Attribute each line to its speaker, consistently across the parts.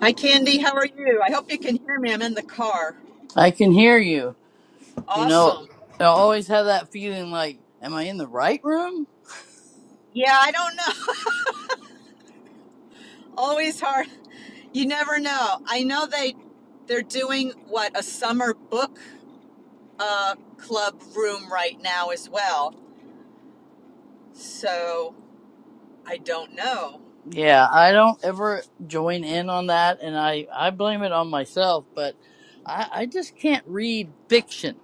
Speaker 1: Hi, Candy. How are you? I hope you can hear me. I'm in the car.
Speaker 2: I can hear you. You know,
Speaker 1: Awesome.
Speaker 2: I always have that feeling like, am I in the right room?
Speaker 1: Yeah, I don't know. Always hard. You never know. I know they they're doing what a summer book uh, club room right now as well. So I don't know.
Speaker 2: Yeah, I don't ever join in on that, and I, I blame it on myself, but I, I just can't read fiction.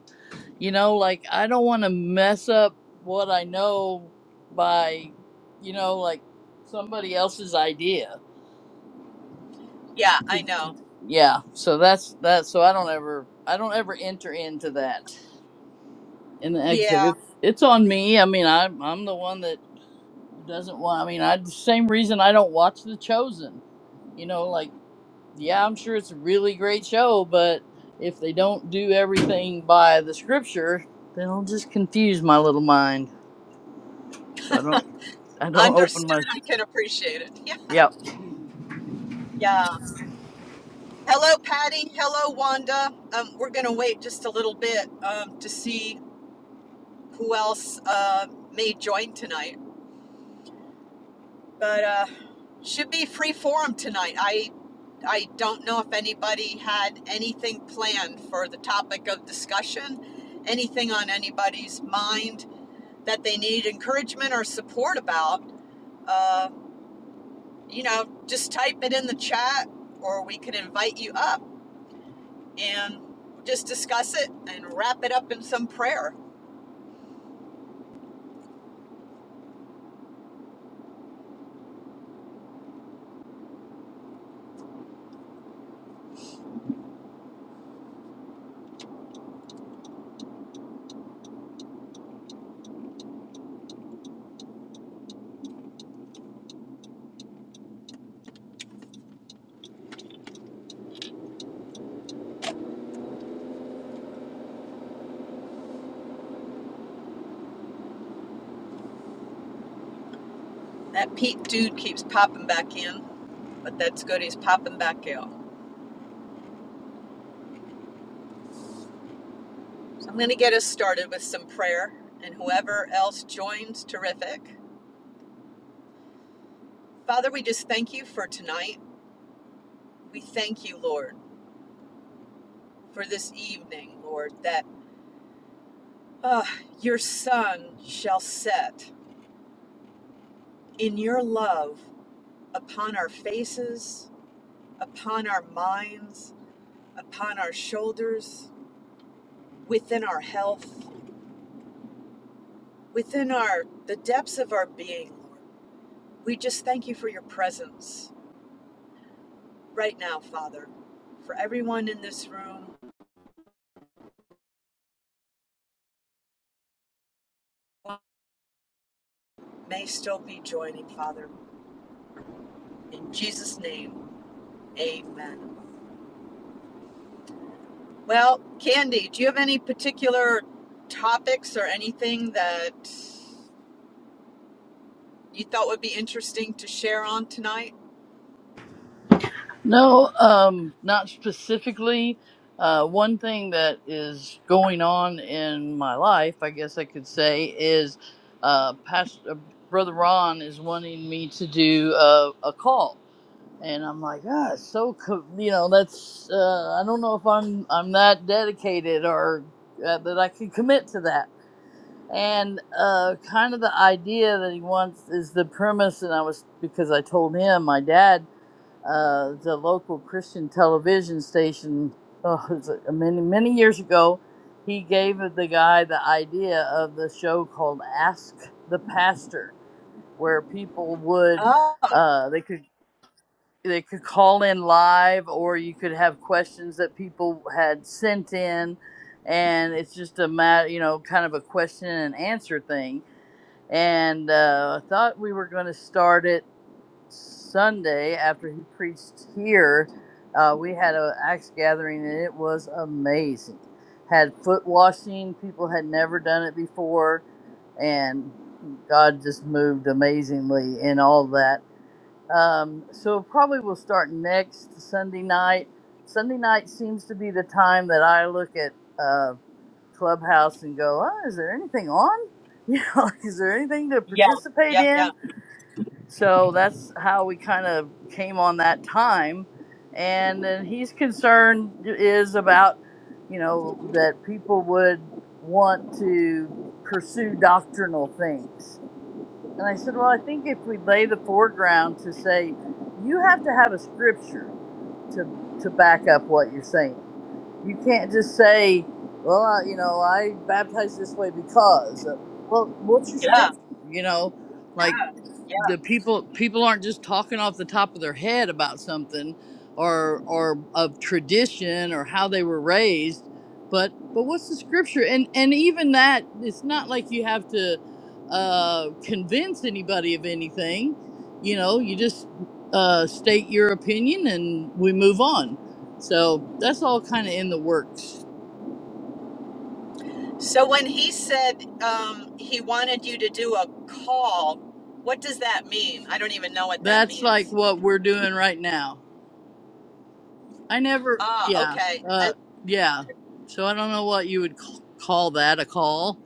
Speaker 2: You know, like, I don't want to mess up what I know by, you know, like somebody else's idea.
Speaker 1: Yeah, I know.
Speaker 2: Yeah, so that's that. So I don't ever, I don't ever enter into that in the exit.
Speaker 1: Yeah,
Speaker 2: It's, it's on me. I mean, I'm, I'm the one that doesn't want. I mean, I the same reason I don't watch The Chosen. You know, like yeah, I'm sure it's a really great show, but if they don't do everything by the scripture, then it'll just confuse my little mind. So I don't, I don't open
Speaker 1: understood.
Speaker 2: my.
Speaker 1: I can appreciate it. Yeah.
Speaker 2: Yeah,
Speaker 1: Yeah. Hello, Patty. Hello, Wanda. Um, we're gonna wait just a little bit um, to see who else uh, may join tonight. but uh should be free forum tonight i i don't know if anybody had anything planned for the topic of discussion anything on anybody's mind that they need encouragement or support about uh you know just type it in the chat or we could invite you up and just discuss it and wrap it up in some prayer that pete dude keeps popping back in but that's good he's popping back out So I'm going to get us started with some prayer, and whoever else joins, terrific. Father, we just thank you for tonight. We thank you, Lord, for this evening, Lord, that ah, your sun shall set in your love upon our faces, upon our minds, upon our shoulders, within our health, within our the depths of our being, Lord. We just thank you for your presence right now, Father, for everyone in this room may still be joining, Father. In Jesus' name, amen. Well, Candy, do you have any particular topics or anything that you thought would be interesting to share on tonight?
Speaker 2: no, um, not specifically. Uh, one thing that is going on in my life, I guess I could say, is uh, Pastor brother Ron is wanting me to do a, a call and I'm like, ah, it's so co-, you know, that's uh, I don't know if I'm I'm that dedicated or uh, that I can commit to that. And uh, kind of the idea that he wants is the premise, and I was because I told him my dad, uh, the local Christian television station, oh, it was uh, many many years ago. He gave the guy the idea of the show called Ask the Pastor, where people would
Speaker 1: Oh,
Speaker 2: uh, they could they could call in live or you could have questions that people had sent in and it's just a matter you know kind of a question and answer thing and uh, i thought we were going to start it sunday after he preached here uh, we had a axe gathering and it was amazing had foot washing people had never done it before and god just moved amazingly in all that um, so probably we'll start next Sunday night. Sunday night seems to be the time that I look at uh, Clubhouse and go, oh, is there anything on? You know, like, is there anything to
Speaker 1: yeah,
Speaker 2: participate
Speaker 1: yeah, yeah,
Speaker 2: in? So that's how we kind of came on that time. And then he's concerned is about, you know, that people would want to pursue doctrinal things and I said, Well, I think if we lay the foreground to say, you have to have a scripture to to back up what you're saying. You can't just say, Well, I, you know, I baptized this way because. uh, Well, what's your
Speaker 1: yeah,
Speaker 2: scripture? You know, like
Speaker 1: yeah.
Speaker 2: the people people aren't just talking off the top of their head about something or or of tradition or how they were raised but but what's the scripture and and even that it's not like you have to uh convince anybody of anything you know you just uh state your opinion and we move on so that's all kind of in the works
Speaker 1: So when he said um, he wanted you to do a call, what does that mean? I don't even know what that
Speaker 2: that's like
Speaker 1: means.
Speaker 2: what we're doing right now I never,
Speaker 1: Ah,
Speaker 2: yeah,
Speaker 1: okay. I,
Speaker 2: uh, yeah. So I don't know what you would c- call that a call,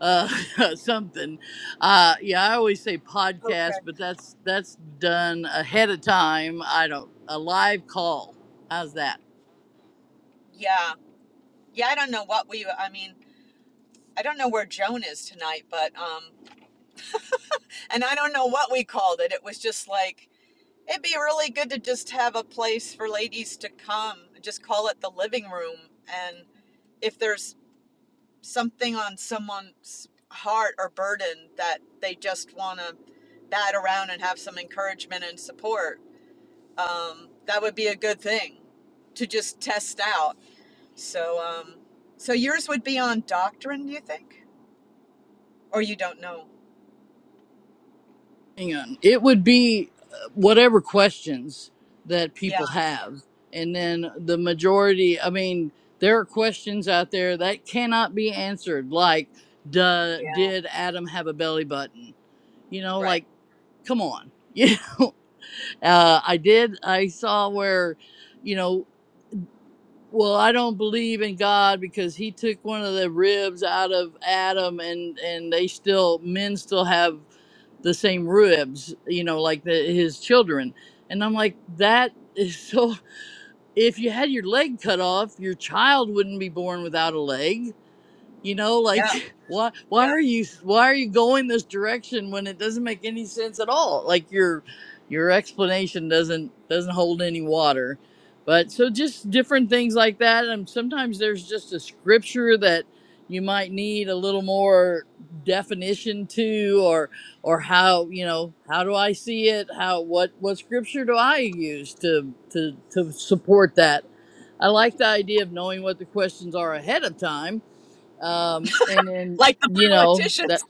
Speaker 2: uh, something. Uh, yeah, I always say podcast,
Speaker 1: okay.
Speaker 2: but that's that's done ahead of time. I don't a live call. How's that?
Speaker 1: Yeah. Yeah, I don't know what we, I mean, I don't know where Joan is tonight, but um, and I don't know what we called it. It was just like it'd be really good to just have a place for ladies to come. Just call it the living room, and if there's something on someone's heart or burden that they just want to bat around and have some encouragement and support, um, that would be a good thing to just test out. So, um, so yours would be on doctrine, do you think, or you don't know?
Speaker 2: Hang on. It would be uh, whatever questions that
Speaker 1: Yeah,
Speaker 2: people have, and then the majority. I mean, there are questions out there that cannot be answered, like, duh,
Speaker 1: yeah,
Speaker 2: did Adam have a belly button? You know,
Speaker 1: right.
Speaker 2: like come on. Yeah. Uh, I did. I saw where, you know, well, I don't believe in God because he took one of the ribs out of Adam and, and they still, men still have the same ribs, you know, like the, his children. And I'm like, that is so, if you had your leg cut off, your child wouldn't be born without a leg you know like
Speaker 1: Yeah,
Speaker 2: why why
Speaker 1: yeah.
Speaker 2: are you why are you going this direction when it doesn't make any sense at all like your your explanation doesn't doesn't hold any water but so just different things like that and sometimes there's just a scripture that you might need a little more definition to or or how you know how do i see it how what what scripture do i use to to to support that i like the idea of knowing what the questions are ahead of time um and then
Speaker 1: Like the
Speaker 2: you know that
Speaker 1: politicians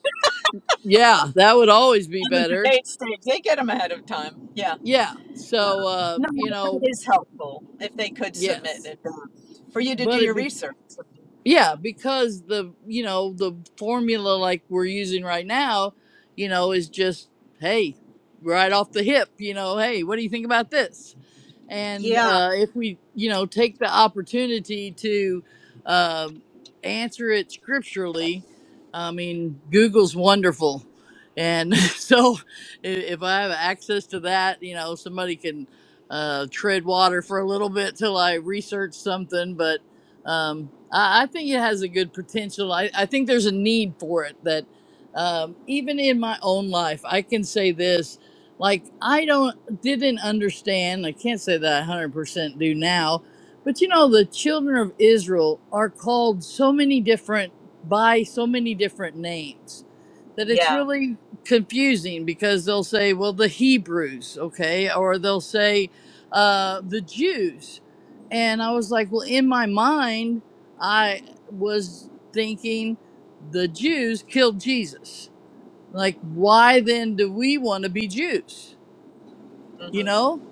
Speaker 2: yeah that would always be
Speaker 1: on the
Speaker 2: better
Speaker 1: debate stage, they get them ahead of time. Yeah,
Speaker 2: yeah
Speaker 1: yeah.
Speaker 2: so uh
Speaker 1: No,
Speaker 2: you
Speaker 1: that
Speaker 2: know
Speaker 1: is helpful if they could submit
Speaker 2: yes
Speaker 1: it uh, for you to do
Speaker 2: but it
Speaker 1: your
Speaker 2: be
Speaker 1: research.
Speaker 2: yeah
Speaker 1: Yeah,
Speaker 2: because the you know the formula like we're using right now you know is just hey right off the hip you know hey what do you think about this and
Speaker 1: yeah,
Speaker 2: uh, if we you know take the opportunity to uh, answer it scripturally i mean google's wonderful and so i- if i have access to that you know somebody can uh, tread water for a little bit till i research something but um, I, I think it has a good potential I, I think there's a need for it that um, even in my own life i can say this like i don't didn't understand. I can't say that I 100% do now, but you know, the children of Israel are called so many different by so many different names that it's
Speaker 1: yeah.
Speaker 2: really confusing because they'll say, well, the Hebrews, okay, or they'll say uh, the Jews. And I was like, well, in my mind, I was thinking the Jews killed Jesus. Like, why then do we want to be Jews? you
Speaker 1: hmm
Speaker 2: know?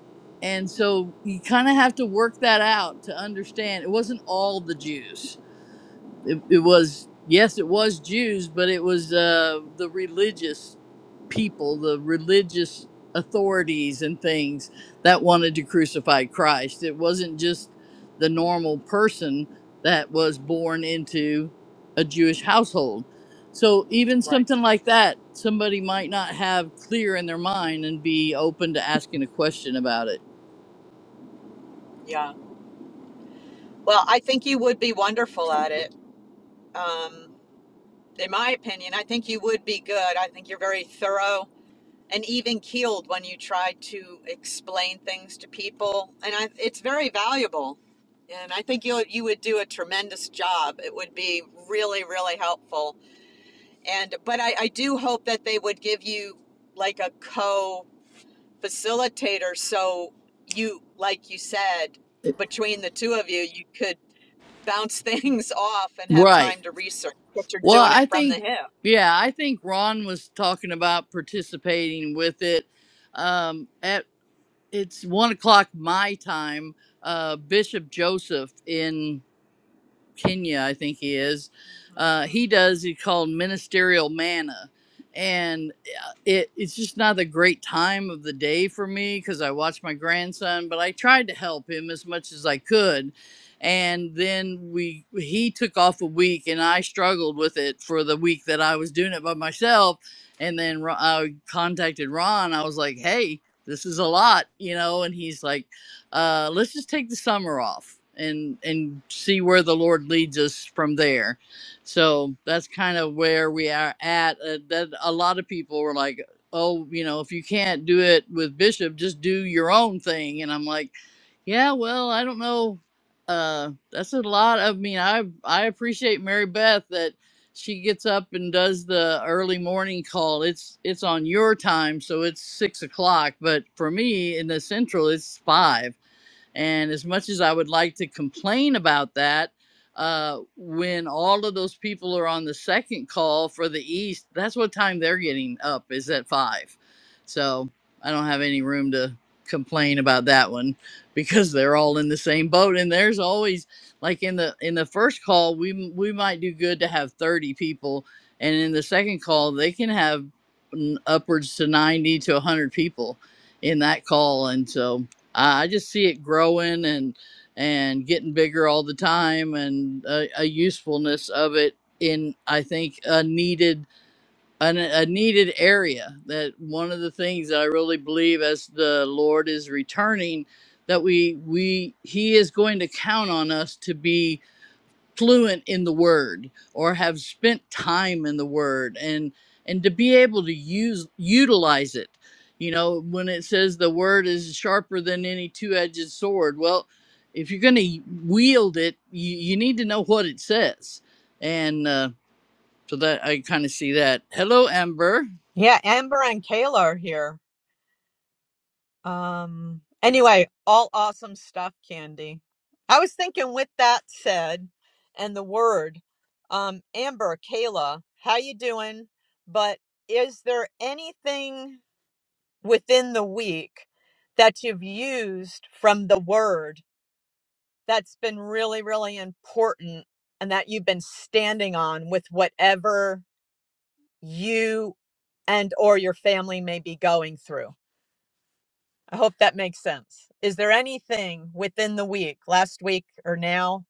Speaker 2: And so you kind of have to work that out to understand it wasn't all the Jews it, it was yes it was jews but it was uh the religious people the religious authorities and things that wanted to crucify christ it wasn't just the normal person that was born into a jewish household so even
Speaker 1: Right.
Speaker 2: something like that somebody might not have clear in their mind and be open to asking a question about
Speaker 1: Yeah. Well, I think you would be wonderful at it. Um, in my opinion, I think you would be good. I think you're very thorough. and even keeled when you try to explain things to people. And I, it's very valuable. And I think you you would do a tremendous job. It would be really really helpful. And but I, I do hope that they would give you like a co facilitator, so you like you said
Speaker 2: it
Speaker 1: between the two of you, you could bounce things off and have
Speaker 2: right
Speaker 1: time to research. But you're
Speaker 2: Well,
Speaker 1: doing it
Speaker 2: I
Speaker 1: from the
Speaker 2: think,
Speaker 1: hip.
Speaker 2: yeah, I think Ron was talking about participating with it. Um, at it's one o'clock my time. Uh, Bishop Joseph in Kenya, I think he is.
Speaker 1: Mhm,
Speaker 2: Uh,
Speaker 1: mhm.
Speaker 2: he does. He called ministerial manna, and uh, it it's just not a great time of the day for me because I watch my grandson. But I tried to help him as much as I could, and then we he took off a week, and I struggled with it for the week that I was doing it by myself. And then Ro- I contacted Ron. I was like, "Hey, this is a lot," you know, and he's like uh, let's just take the summer off and and see where the Lord leads us from there. So that's kind of where we are at. Uh, that a lot of people were like, "Oh, you know, if you can't do it with Bishop, just do your own thing." And I'm like, "Yeah, well, I don't know. Uh, that's a lot. I mean, I I appreciate Mary Beth that." She gets up and does the early morning call. It's it's on your time, so it's six o'clock. But for me in the central, it's five and as much as I would like to complain about that, uh, when all of those people are on the second call for the East, that's what time they're getting up is at five. So I don't have any room to complain about that one because they're all in the same boat. And there's always like in the in the first call, we we might do good to have 30 people, and in the second call, they can have n- upwards to 90 to 100 people in that call, and so. I I just see it growing and and getting bigger all the time, and a, a usefulness of it in I think a needed an, a needed area. That one of the things that I really believe as the Lord is returning, that we we He is going to count on us to be fluent in the word or have spent time in the word and and to be able to use utilize it you know when it says the word is sharper than any two-edged sword well if you're going to wield it you, you need to know what it says and uh, so that i kind of see that hello amber
Speaker 1: Yeah, Amber and Kayla are here. Um anyway, all awesome stuff, Candy. I was thinking with that said and the word, um, Amber, Kayla, how you doing? But is there anything within the week that you've used from the word that's been really, really important and that you've been standing on with whatever you and or your family may be going through? I hope that makes sense. Is there anything within the week, last week or now?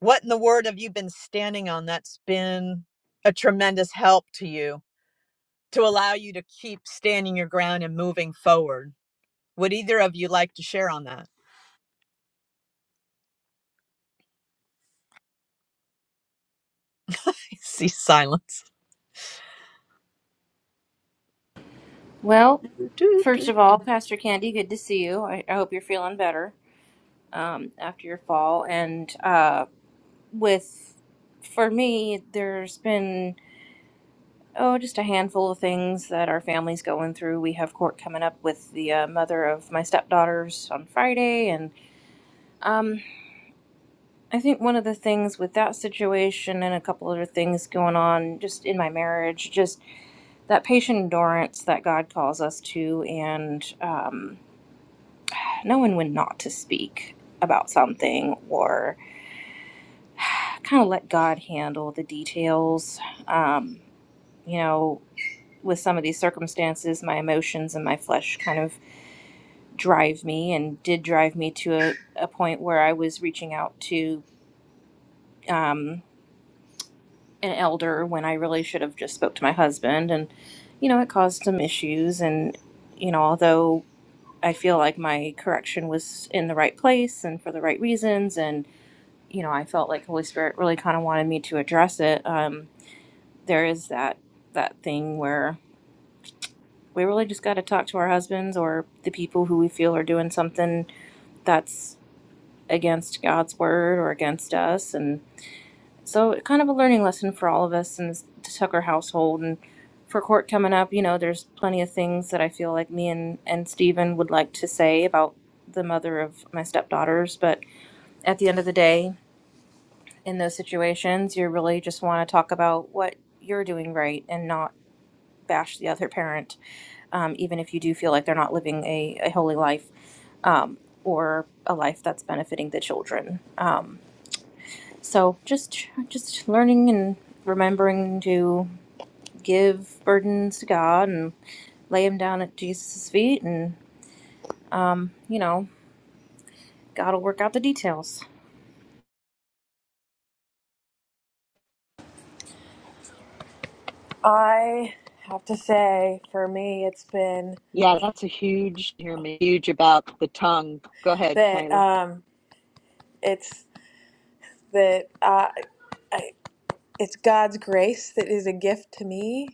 Speaker 1: What in the word have you been standing on that's been a tremendous help to you to allow you to keep standing your ground and moving forward? Would either of you like to share on that? I see silence.
Speaker 3: Well, first of all, Pastor Candy, good to see you. I, I hope you're feeling better um, after your fall. And uh, with, for me, there's been, oh, just a handful of things that our family's going through. We have court coming up with the uh, mother of my stepdaughters on Friday. And um, I think one of the things with that situation and a couple other things going on just in my marriage, just that patient endurance that God calls us to. And, um, knowing when not to speak about something or kind of let God handle the details. Um, you know, with some of these circumstances, my emotions and my flesh kind of drive me and did drive me to a, a point where I was reaching out to um, an elder when I really should have just spoke to my husband. And, you know, it caused some issues. And, you know, although I feel like my correction was in the right place and for the right reasons and you know, I felt like Holy Spirit really kind of wanted me to address it. Um, there is that that thing where we really just got to talk to our husbands or the people who we feel are doing something that's against God's word or against us, and so kind of a learning lesson for all of us in this Tucker household and for court coming up. You know, there's plenty of things that I feel like me and and Stephen would like to say about the mother of my stepdaughters, but at the end of the day, in those situations, you really just want to talk about what you're doing right and not bash the other parent, um, even if you do feel like they're not living a, a holy life um, or a life that's benefiting the children. Um, so just just learning and remembering to give burdens to God and lay them down at Jesus' feet, and you know God will work out the details.
Speaker 4: I have to say, for me, it's been
Speaker 1: Yeah, that's a huge, hear me, huge about the tongue. Go ahead,
Speaker 4: that
Speaker 1: Kayla.
Speaker 4: um, it's that uh, I, it's God's grace that is a gift to me,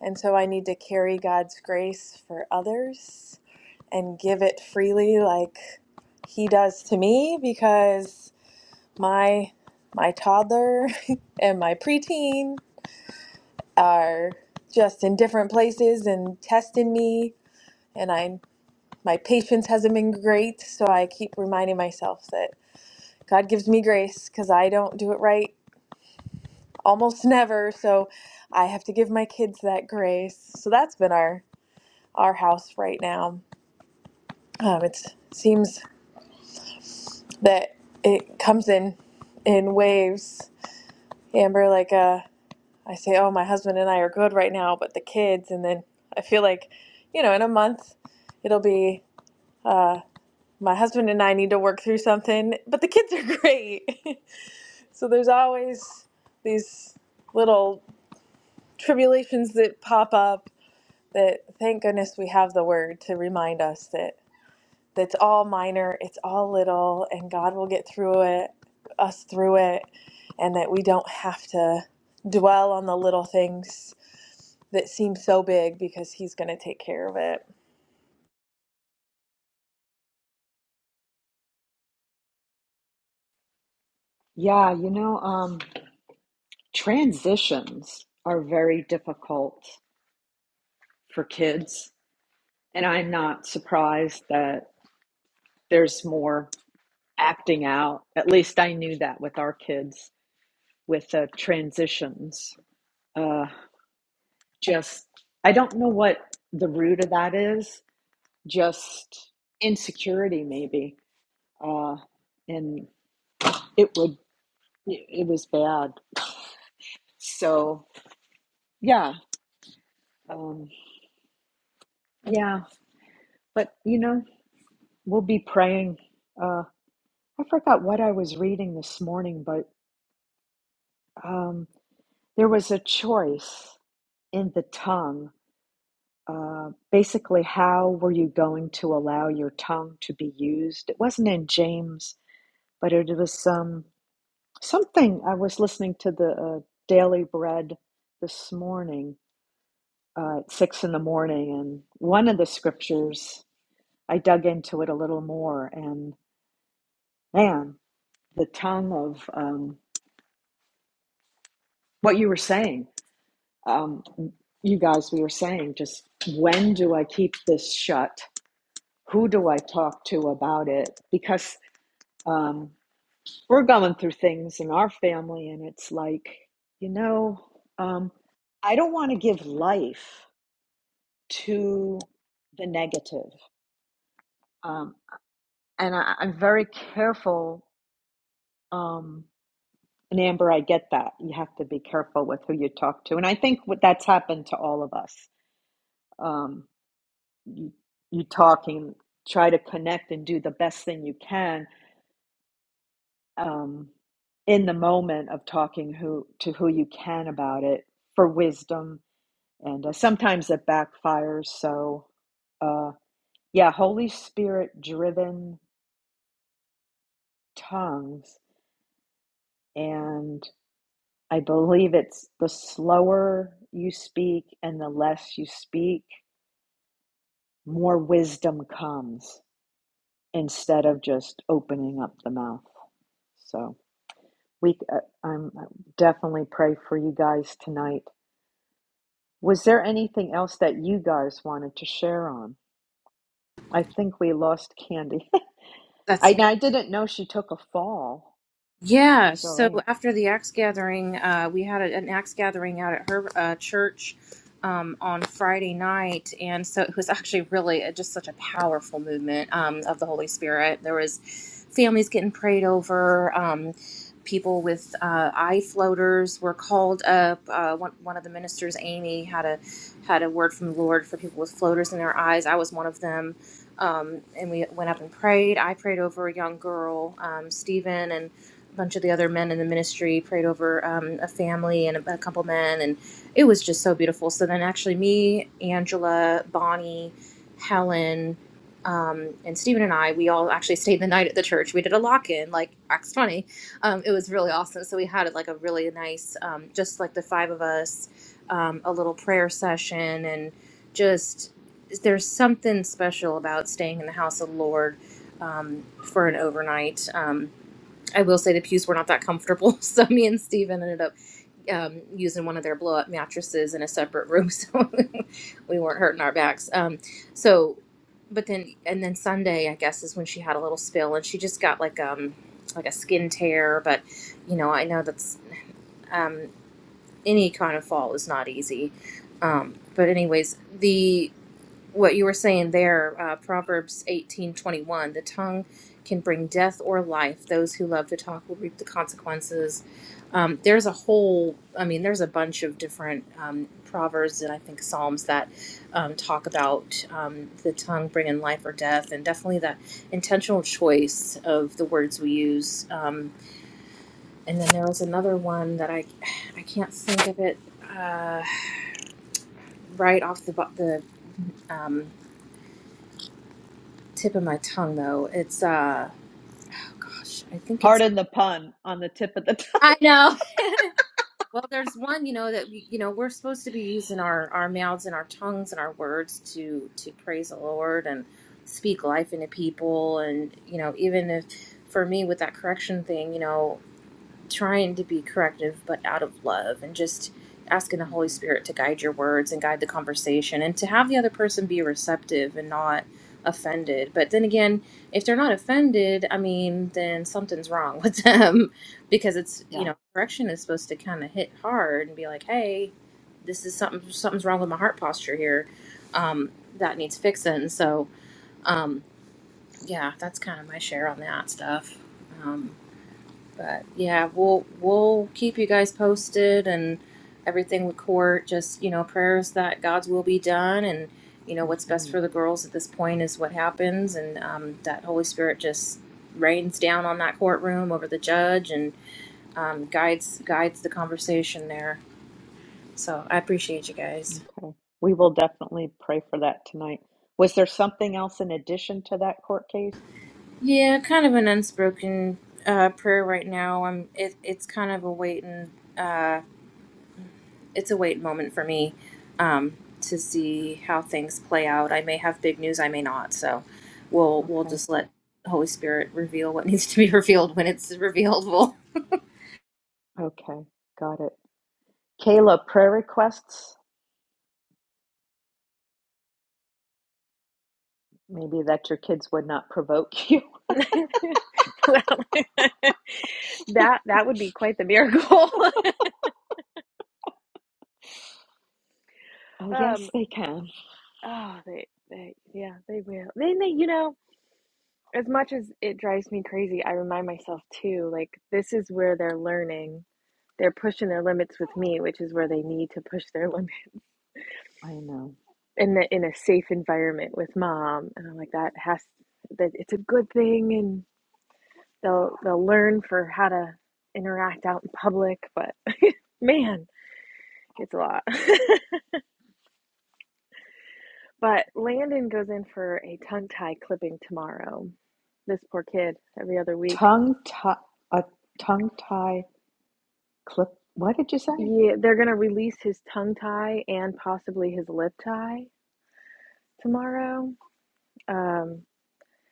Speaker 4: and so I need to carry God's grace for others and give it freely, like He does to me, because my my toddler and my preteen are just in different places and testing me and I'm. my patience hasn't been great, so I keep reminding myself that God gives me grace because I don't do it right almost never, so I have to give my kids that grace. So that's been our our house right now. Um, it seems that it comes in in waves. Amber, like uh, I say, oh, my husband and I are good right now, but the kids, and then I feel like, you know, in a month, it'll be. Uh, my husband and I need to work through something, but the kids are great. So there's always these little tribulations that pop up that thank goodness we have the word to remind us that that's all minor, it's all little and God will get through it, us through it and that we don't have to dwell on the little things that seem so big because he's going to take care of it.
Speaker 1: Yeah, you know, um, transitions are very difficult for kids And I'm not surprised that there's more acting out. At least I knew that with our kids with the transitions. Uh, just, I don't know what the root of that is, just insecurity, maybe. Uh, and it would, it was bad. So, yeah, um, yeah. But, you know, we'll be praying. Uh, I forgot what I was reading this morning, but um, there was a choice in the tongue, uh, basically, how were you going to allow your tongue to be used? It wasn't in James, but it was um, something. I was listening to the uh, Daily Bread this morning uh, at six in the morning, and one of the scriptures, I dug into it a little more, and man, the tongue of um, what you were saying, um, you guys, we were saying, just when do I keep this shut? who do I talk to about it? Because um, we're going through things in our family, and it's like, you know, um, I don't want to give life to the negative. Um, and I, I'm very careful. Um, and Amber, I get that. You have to be careful with who you talk to. And I think what that's happened to all of us. Um, you, you talking, try to connect and do the best thing you can um, in the moment of talking who to who you can about it for wisdom and uh, sometimes it backfires so uh, yeah holy spirit driven tongues and i believe it's the slower you speak and the less you speak more wisdom comes instead of just opening up the mouth so we uh, i'm I definitely pray for you guys tonight Was there anything else that you guys wanted to share on? I think we lost Candy.
Speaker 3: That's
Speaker 1: I, I didn't know she took a fall. I hope
Speaker 3: Yeah,
Speaker 1: she's all
Speaker 3: so
Speaker 1: right.
Speaker 3: after the axe gathering, uh, we had a, an axe gathering out at her uh, church um, on Friday night, and so it was actually really uh just such a powerful movement um, of the Holy Spirit. There was families getting prayed over. Um, people with uh, eye floaters were called up. Uh, one, one of the ministers, Amy, had a had a word from the Lord for people with floaters in their eyes. I was one of them. Um, and we went up and prayed. I prayed over a young girl, um, Stephen, and a bunch of the other men in the ministry prayed over um, a family and a, a couple men, and it was just so beautiful. So then, actually, me, Angela, Bonnie, Helen, um, and Stephen and I, we all actually stayed the night at the church. We did a lock in, like Acts 20. Um, it was really awesome. So we had like a really nice, um, just like the five of us, um, a little prayer session, and just there's something special about staying in the house of the Lord um, for an overnight. Um, I will say the pews were not that comfortable, so me and Steven ended up um, using one of their blow up mattresses in a separate room, so we weren't hurting our backs. Um, so, but then and then Sunday, I guess, is when she had a little spill, and she just got like um like a skin tear. But you know, I know that's um, any kind of fall is not easy. Um, but anyways, the what you were saying there, uh, Proverbs eighteen twenty one. The tongue can bring death or life. Those who love to talk will reap the consequences. Um, there's a whole, I mean, there's a bunch of different um, proverbs and I think psalms that um, talk about um, the tongue bringing life or death, and definitely that intentional choice of the words we use. Um, and then there was another one that I, I can't think of it uh, right off the bo- the. Um, tip of my tongue though. It's uh oh gosh, I think it's
Speaker 1: Pardon the pun on the tip of the tongue.
Speaker 3: I know. Well, there's one, you know, that we, you know, we're supposed to be using our our mouths and our tongues and our words to to praise the Lord and speak life into people and you know, even if for me with that correction thing, you know, trying to be corrective, but out of love, and just asking the Holy
Speaker 1: hmm
Speaker 3: Spirit to guide your words and guide the conversation, and to have the other person be receptive and not offended. But then again, if they're not offended, I mean, then something's wrong with them because it's, you
Speaker 1: Yeah.
Speaker 3: know, correction is supposed to kind of hit hard and be like, hey, this is something, something's wrong with my heart posture here. Um, that needs fixing. So, um, yeah, that's kind of my share on that stuff. Um, but yeah, we'll we'll keep you guys posted and everything with court. Just you know, prayers that God's will be done, and you know what's best
Speaker 1: hmm
Speaker 3: for the girls at this point is what happens, and um, that Holy Spirit just rains down on that courtroom over the judge and um, guides guides the conversation there. So I appreciate you guys.
Speaker 1: Okay. We will definitely pray for that tonight. Was there something else in addition to that court case?
Speaker 3: Yeah, kind of an unspoken uh, prayer right now. I'm it, it's kind of a waiting. it's a wait moment for me um, to see how things play out. I may have big news, I may not. So we'll we'll
Speaker 1: Okay.
Speaker 3: just let Holy Spirit reveal what needs to be revealed when it's revealed. We'll.
Speaker 1: Okay. Got it. Kayla, prayer requests? Maybe that your kids would not provoke you.
Speaker 4: Well, that that would be quite the miracle.
Speaker 1: Oh, yes,
Speaker 4: um,
Speaker 1: they can.
Speaker 4: oh, they, they, yeah, they will. They, they, you know. As much as it drives me crazy, I remind myself too, like, this is where they're learning. They're pushing their limits with me, which is where they need to push their limit
Speaker 1: I know.
Speaker 4: in the, in a safe environment with mom. And I'm like, that has that it's a good thing, and they'll they'll learn for how to interact out in public. But man, it's a lot. but Landon goes in for a tongue tie clipping tomorrow. This poor kid every other week.
Speaker 1: Tongue tie, a tongue tie clip. What did you say?
Speaker 4: Yeah, they're gonna release his tongue tie and possibly his lip tie tomorrow. Um,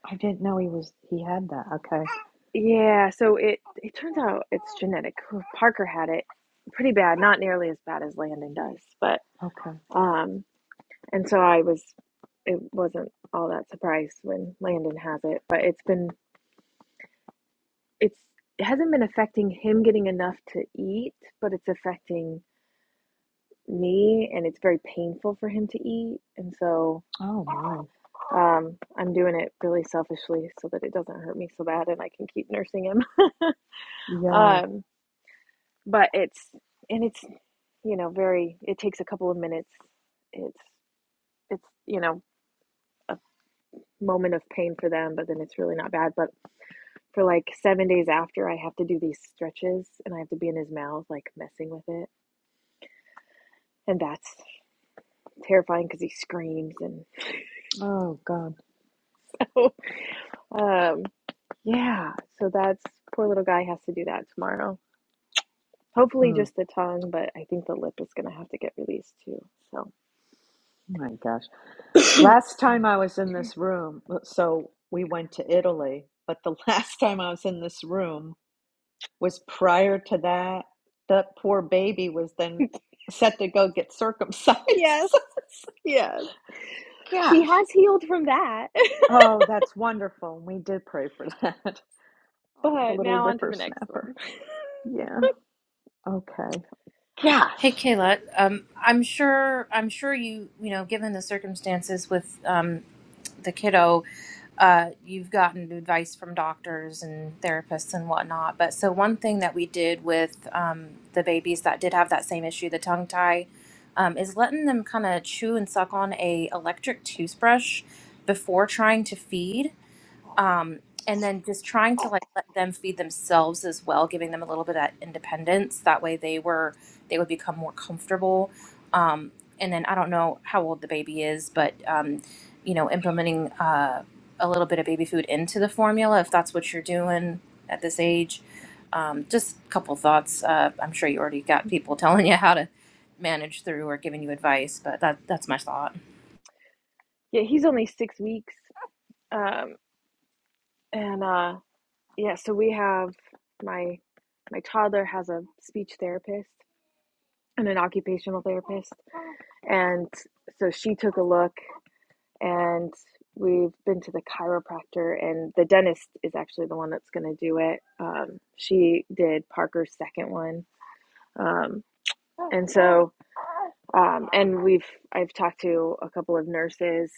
Speaker 1: I didn't know he was he had that. Okay.
Speaker 4: yeah, so it it turns out it's genetic. Parker had it pretty bad, not nearly as bad as Landon does, but
Speaker 1: Okay.
Speaker 4: um, and so I was it wasn't all that surprised when Landon has it, but it's been it's it hasn't been affecting him getting enough to eat, but it's affecting me and it's very painful for him to eat, and so.
Speaker 1: Oh my.
Speaker 4: Um, I'm doing it really selfishly so that it doesn't hurt me so bad and I can keep nursing him.
Speaker 1: Yeah.
Speaker 4: Um, but it's and it's you know very it takes a couple of minutes. It's it's you know moment of pain for them, but then it's really not bad. But for like seven days after, I have to do these stretches and I have to be in his mouth like messing with it, and that's terrifying because he screams and
Speaker 1: Oh God.
Speaker 4: um, yeah. So that's poor little guy has to do that tomorrow. Hopefully,
Speaker 1: Mm,
Speaker 4: just the tongue, but I think the lip is going to have to get released too. So,
Speaker 1: my gosh. Last time I was in this room, well, so we went to Italy, but the last time I was in this room was prior to that. That poor baby was then set to go get circumcised.
Speaker 4: yes,
Speaker 1: So it's like,
Speaker 4: yes. He
Speaker 1: gosh.
Speaker 4: has healed from that.
Speaker 1: Oh, that's wonderful. We did pray for that. Aw, the
Speaker 4: but
Speaker 1: little
Speaker 4: now on to the next one.
Speaker 1: whippersnapper. Yeah. Okay.
Speaker 3: Hey
Speaker 1: Gosh.
Speaker 3: Kayla, um, I'm sure I'm sure you you know given the circumstances with um, the kiddo, uh, you've gotten advice from doctors and therapists and whatnot. But so one thing that we did with um, the babies that did have that same issue, the tongue tie, um, is letting them kind of chew and suck on a electric toothbrush before trying to feed um and then just trying to like let them feed themselves as well giving them a little bit of that independence that way they were they would become more comfortable um and then i don't know how old the baby is but um you know implementing uh a little bit of baby food into the formula if that's what you're doing at this age um just a couple thoughts uh i'm sure you already got people telling you how to manage through or giving you advice but that that's my thought
Speaker 4: yeah, he's only six weeks. Um, and uh, yeah, so we have my my toddler has a speech therapist and an occupational therapist, and so she took a look and we've been to the chiropractor and the dentist is actually the one that's going to do it um, she did parker's second one um, and so um, and we've i've talked to a couple of nurses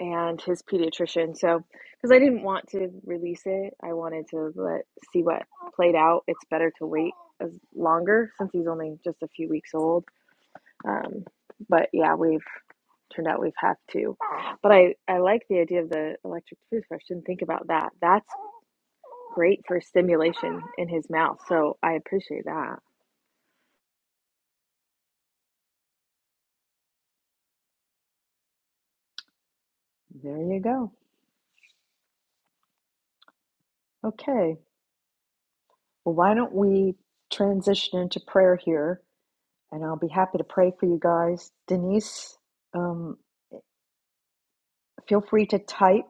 Speaker 4: and his pediatrician so because i didn't want to release it i wanted to let see what played out it's better to wait as longer since he's only just a few weeks old um, but yeah, we've turned out we've have to. But I, I like the idea of the electric toothbrush. Didn't think about that. That's great for stimulation in his mouth. So I appreciate that.
Speaker 1: There you go. Okay. Well, why don't we transition into prayer here? And I'll be happy to pray for you guys. Denise, um, feel free to type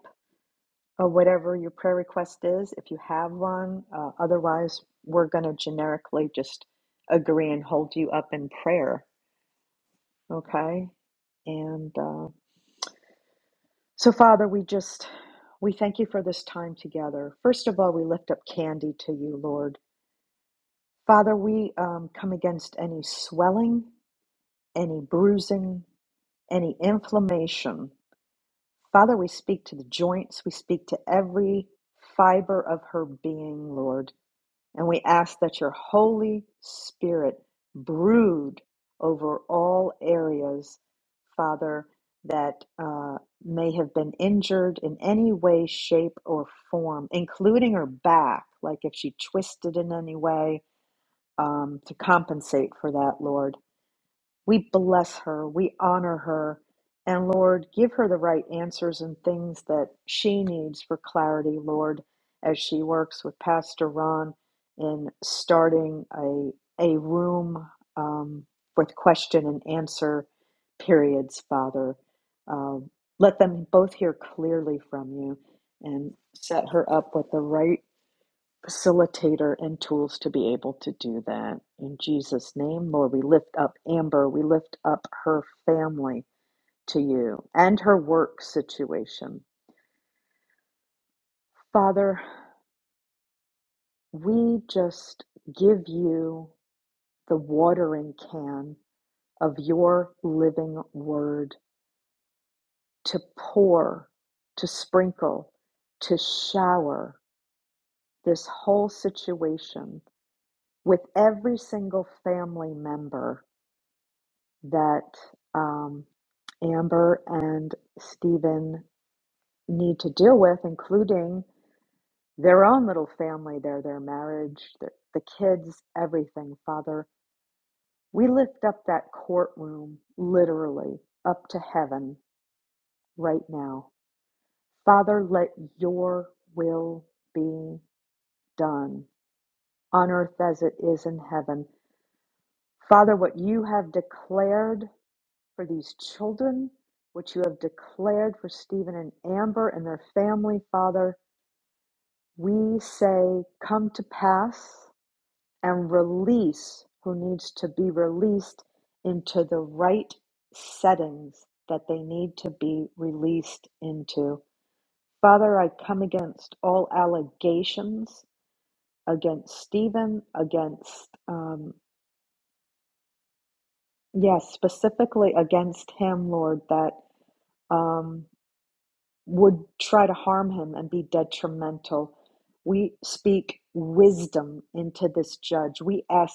Speaker 1: uh, whatever your prayer request is if you have one. Uh, otherwise, we're going to generically just agree and hold you up in prayer. Okay. And uh, so, Father, we just. We thank you for this time together. First of all, we lift up Candy to you, Lord. Father, we um, come against any swelling, any bruising, any inflammation. Father, we speak to the joints, we speak to every fiber of her being, Lord, and we ask that your Holy Spirit brood over all areas, Father, that uh, may have been injured in any way, shape, or form, including her back, like if she twisted in any way um, to compensate for that, Lord. We bless her, we honor her, and Lord, give her the right answers and things that she needs for clarity, Lord, as she works with Pastor Ron in starting a, a room um, with question and answer periods, Father. Um, let them both hear clearly from you and set her up with the right facilitator and tools to be able to do that. In Jesus' name, Lord, we lift up Amber, we lift up her family to you and her work situation. Father, we just give you the watering can of your living word to pour, to sprinkle, to shower this whole situation with every single family member that um, Amber and Stephen need to deal with, including their own little family, their their marriage, their, the kids, everything. Father, we lift up that courtroom literally up to heaven right now. Father, let your will be done on earth as it is in heaven. Father, what you have declared for these children, which you have declared for Stephen and Amber and their family, Father. We say, come to pass and release who needs to be released into the right settings that they need to be released into. Father, I come against all allegations against Stephen, against, um, yes, specifically against him, Lord, that. Um, would try to harm him and be detrimental. We speak wisdom into this judge. We ask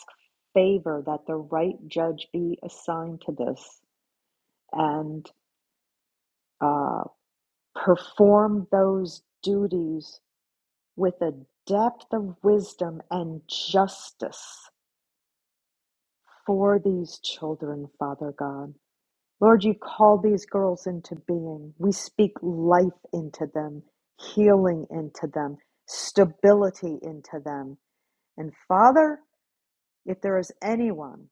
Speaker 1: favor that the right judge be assigned to this and uh, perform those duties with a depth of wisdom and justice for these children, Father God. Lord, you've called these girls into being. We speak life into them, healing into them, stability into them. And Father, if there is anyone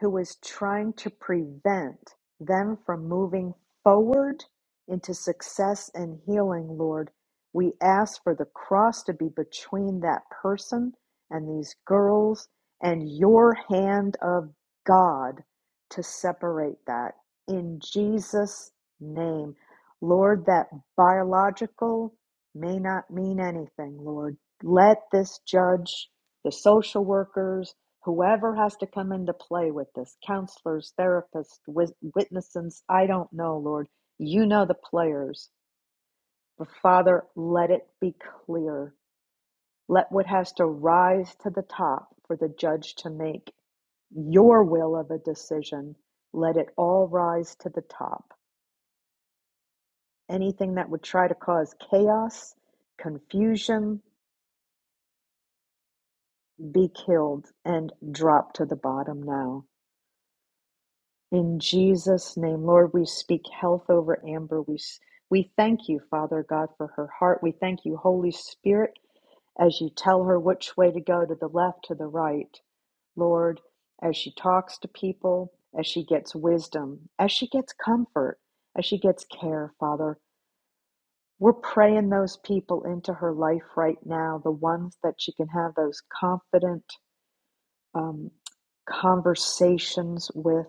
Speaker 1: who was trying to prevent them from moving forward into success and healing, Lord. We ask for the cross to be between that person and these girls and your hand of God to separate that in Jesus' name. Lord, that biological may not mean anything, Lord. Let this judge, the social workers, whoever has to come into play with this counselors, therapists, witnesses I don't know, Lord. You know the players. But Father, let it be clear. Let what has to rise to the top for the judge to make your will of a decision. Let it all rise to the top. Anything that would try to cause chaos, confusion, be killed and drop to the bottom now. In Jesus' name, Lord, we speak health over Amber. We, we thank you, Father God, for her heart. We thank you, Holy Spirit, as you tell her which way to go to the left, to the right. Lord, as she talks to people, as she gets wisdom, as she gets comfort, as she gets care, Father, we're praying those people into her life right now, the ones that she can have those confident um, conversations with.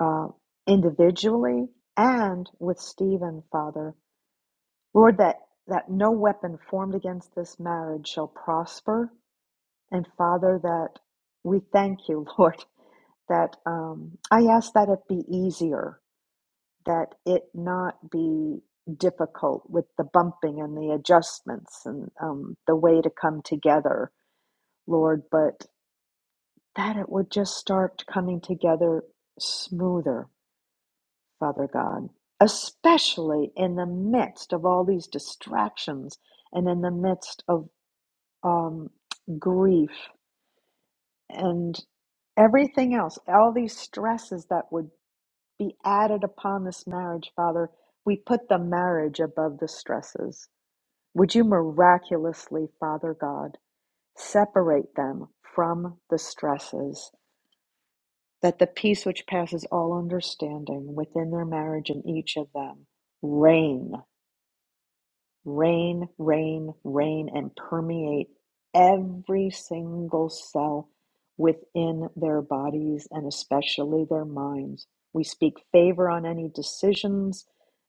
Speaker 1: uh, individually and with Stephen, Father. Lord, that, that no weapon formed against this marriage shall prosper. And Father, that we thank you, Lord, that um, I ask that it be easier, that it not be difficult with the bumping and the adjustments and um, the way to come together, Lord, but that it would just start coming together smoother Father God, especially in the midst of all these distractions and in the midst of um, grief and everything else, all these stresses that would be added upon this marriage, Father, we put the marriage above the stresses. Would you miraculously, Father God, separate them from the stresses, that the peace which passes all understanding within their marriage and each of them reign? Rain, rain, rain, and permeate every single cell within their bodies and especially their minds. We speak favor on any decisions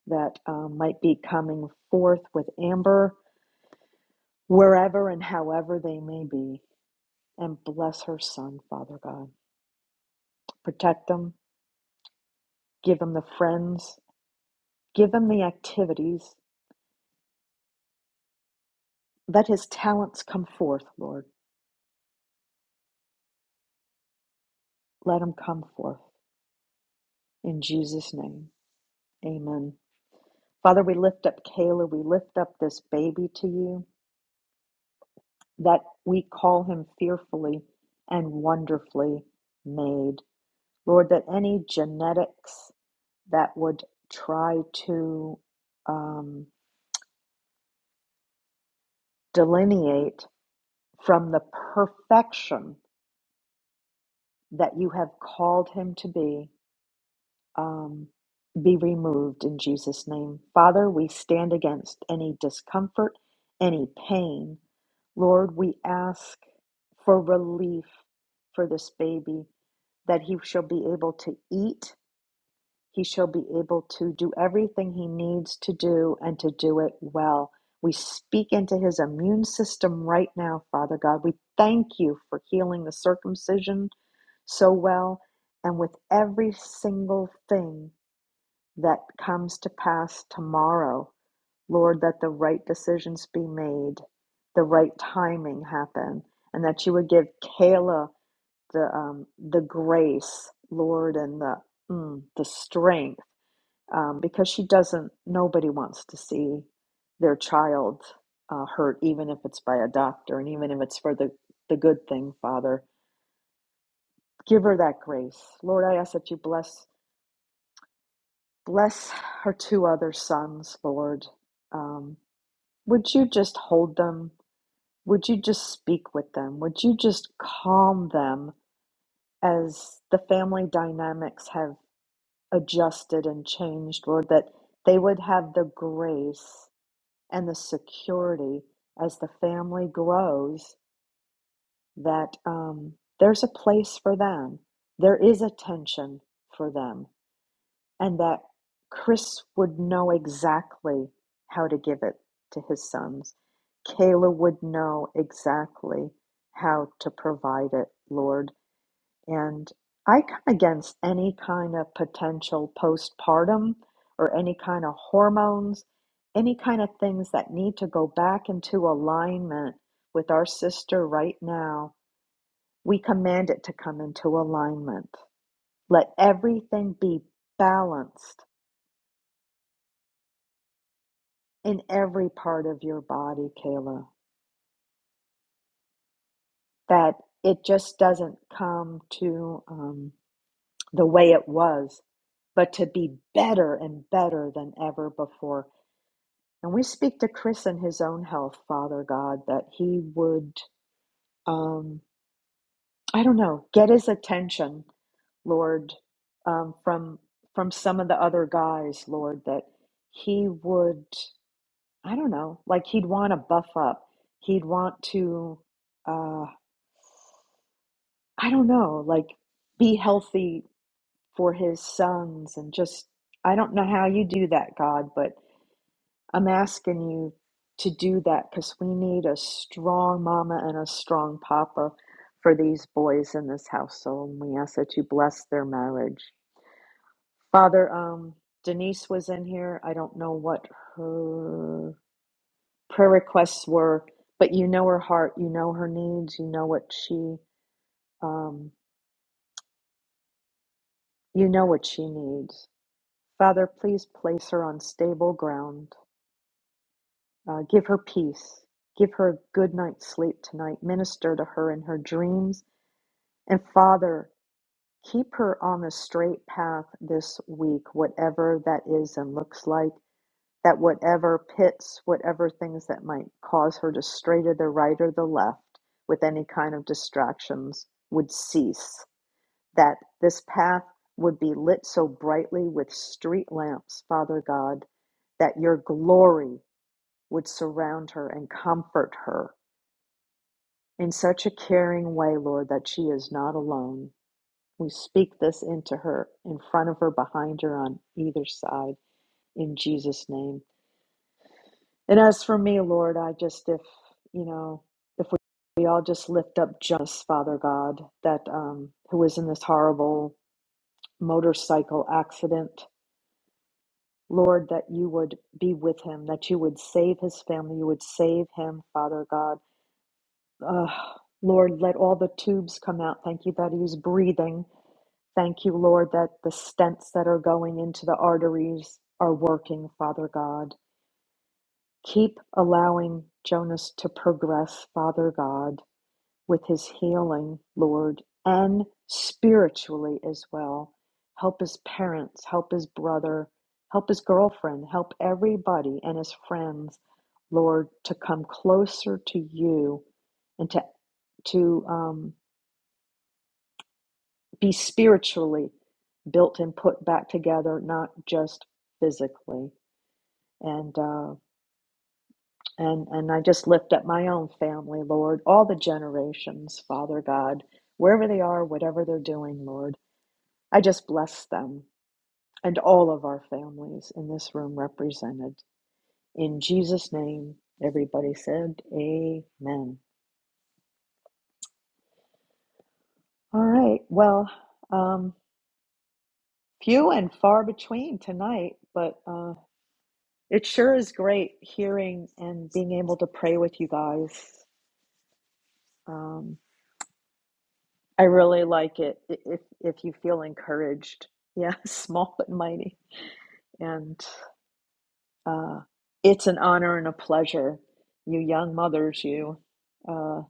Speaker 1: that um, might be coming forth with Amber, wherever and however they may be. And bless her son, Father God. Protect them, give him the friends, give him the activities. Let his talents come forth, Lord. Let him come forth in Jesus' name. Amen. Father, we lift up Kayla. We lift up this baby to you that we call him fearfully and wonderfully made. Lord, that any genetics that would try to um, delineate from the perfection that you have called him to be, um, be removed in Jesus' name. Father, we stand against any discomfort, any pain. Lord, we ask for relief for this baby, that he shall be able to eat, he shall be able to do everything he needs to do, and to do it well. We speak into his immune system right now, Father God. We thank you for healing the circumcision so well and with every single thing that comes to pass tomorrow. Lord, that the right decisions be made, the right timing happen, and that you would give Kayla the um, the grace, Lord, and the mm, the strength, um, because she doesn't. Nobody wants to see their child uh, hurt, even if it's by a doctor, and even if it's for the the good thing, Father. Give her that grace, Lord. I ask that you bless bless her two other sons, Lord. Um, Would you just hold them? Would you just speak with them? Would you just calm them as the family dynamics have adjusted and changed, Lord, that they would have the grace and the security as the family grows that um, there's a place for them, there is attention for them and that Chris would know exactly how to give it to his sons. Kayla would know exactly how to provide it, Lord. And I come against any kind of potential postpartum or any kind of hormones, any kind of things that need to go back into alignment with our sister right now. We command it to come into alignment. Let everything be balanced in every part of your body, Kayla, that it just doesn't come to um, the way it was, but to be better and better than ever before. And we speak to Chris and his own health, Father God, that he would, um, I don't know, get his attention, Lord, um, from from some of the other guys, Lord, that he would, I don't know, like he'd want to buff up, he'd want to. uh, I don't know, like be healthy for his sons and just, I don't know how you do that, God, but I'm asking you to do that because we need a strong mama and a strong papa for these boys in this household. And we ask that you bless their marriage. Father, um, Denise was in here. I don't know what her prayer requests were, but you know her heart, you know her needs, you know what she, um, you know what she needs. Father, please place her on stable ground. Uh, give her peace. Give her a good night's sleep tonight. Minister to her in her dreams. And Father, keep her on the straight path this week, whatever that is and looks like, that whatever pits, whatever things that might cause her to stray to the right or the left with any kind of distractions would cease that this path would be lit so brightly with street lamps, Father God, that your glory would surround her and comfort her in such a caring way, Lord, that she is not alone. We speak this into her, in front of her, behind her, on either side, in Jesus' name. And as for me, Lord, I just, if, you know, if we, we all just lift up just Father God, that um, who was in this horrible motorcycle accident Lord, that you would be with him, that you would save his family, you would save him, Father God. Ugh. Lord, let all the tubes come out. Thank you that he's breathing. Thank you, Lord, that the stents that are going into the arteries are working, Father God. Keep allowing Jonas to progress, Father God with his healing, Lord, and spiritually as well. Help his parents, help his brother, help his girlfriend, help everybody and his friends, Lord, to come closer to you and to to um, be spiritually built and put back together, not just physically. And uh, and and I just lift up my own family, Lord, all the generations, Father God, wherever they are, whatever they're doing, Lord. I just bless them and all of our families in this room represented. In Jesus' name, everybody said, Amen. All right. Well, um, few and far between tonight, but uh, it sure is great hearing and being able to pray with you guys. Um, I really like it i- if if you feel encouraged. Yeah, small but mighty. And Uh, it's an honor and a pleasure, you young mothers, you. Uh,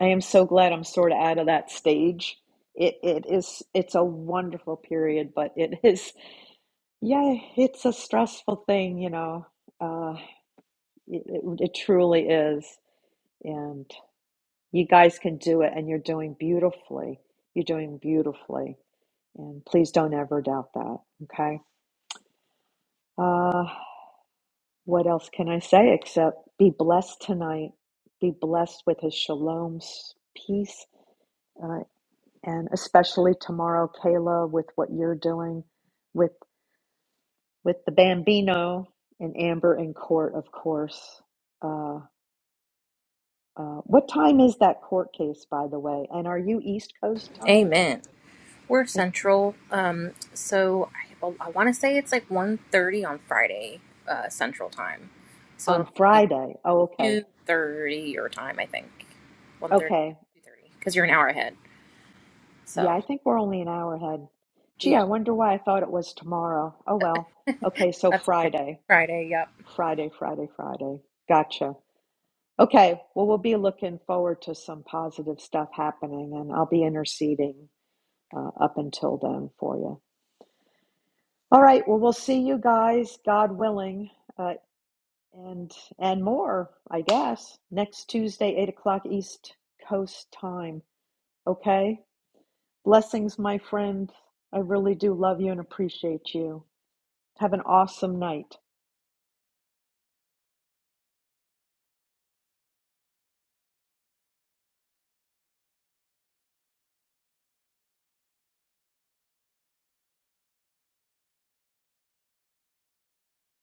Speaker 1: I am so glad I'm sort of out of that stage. It it is it's a wonderful period, but it is yeah, it's a stressful thing, you know. Uh, it, it, it truly is, and you guys can do it, and you're doing beautifully. You're doing beautifully, and please don't ever doubt that. Okay. Uh, What else can I say except be blessed tonight? Be blessed with his shalom's peace, uh, and especially tomorrow, Kayla, with what you're doing with with the Bambino and Amber in court, of course. Uh, uh, what time is that court case, by the way? And are you East Coast time
Speaker 3: amen we're
Speaker 1: I-
Speaker 3: Central, um, so I, I want to say it's like one thirty on Friday uh, Central time. So
Speaker 1: on
Speaker 3: it'll be
Speaker 1: Friday? Oh, okay,
Speaker 3: 2.30 your time, I think. 1.30, yeah,
Speaker 1: okay,
Speaker 3: 2.30, because you're an hour ahead.
Speaker 1: yeah.
Speaker 3: So,
Speaker 1: I think we're only an hour ahead. Gee,
Speaker 3: yeah,
Speaker 1: I wonder why I thought it was tomorrow. Oh well. Okay, so
Speaker 3: that's okay.
Speaker 1: Friday.
Speaker 3: Friday, yep.
Speaker 1: Friday, Friday, Friday. Gotcha. Okay. Well, we'll be looking forward to some positive stuff happening, and I'll be interceding uh, up until then for you. All right. Well, we'll see you guys, God willing, uh, and and more, I guess, next Tuesday, eight o'clock East Coast time. Okay. Blessings, my friend. I really do love you and appreciate you. Have an awesome night.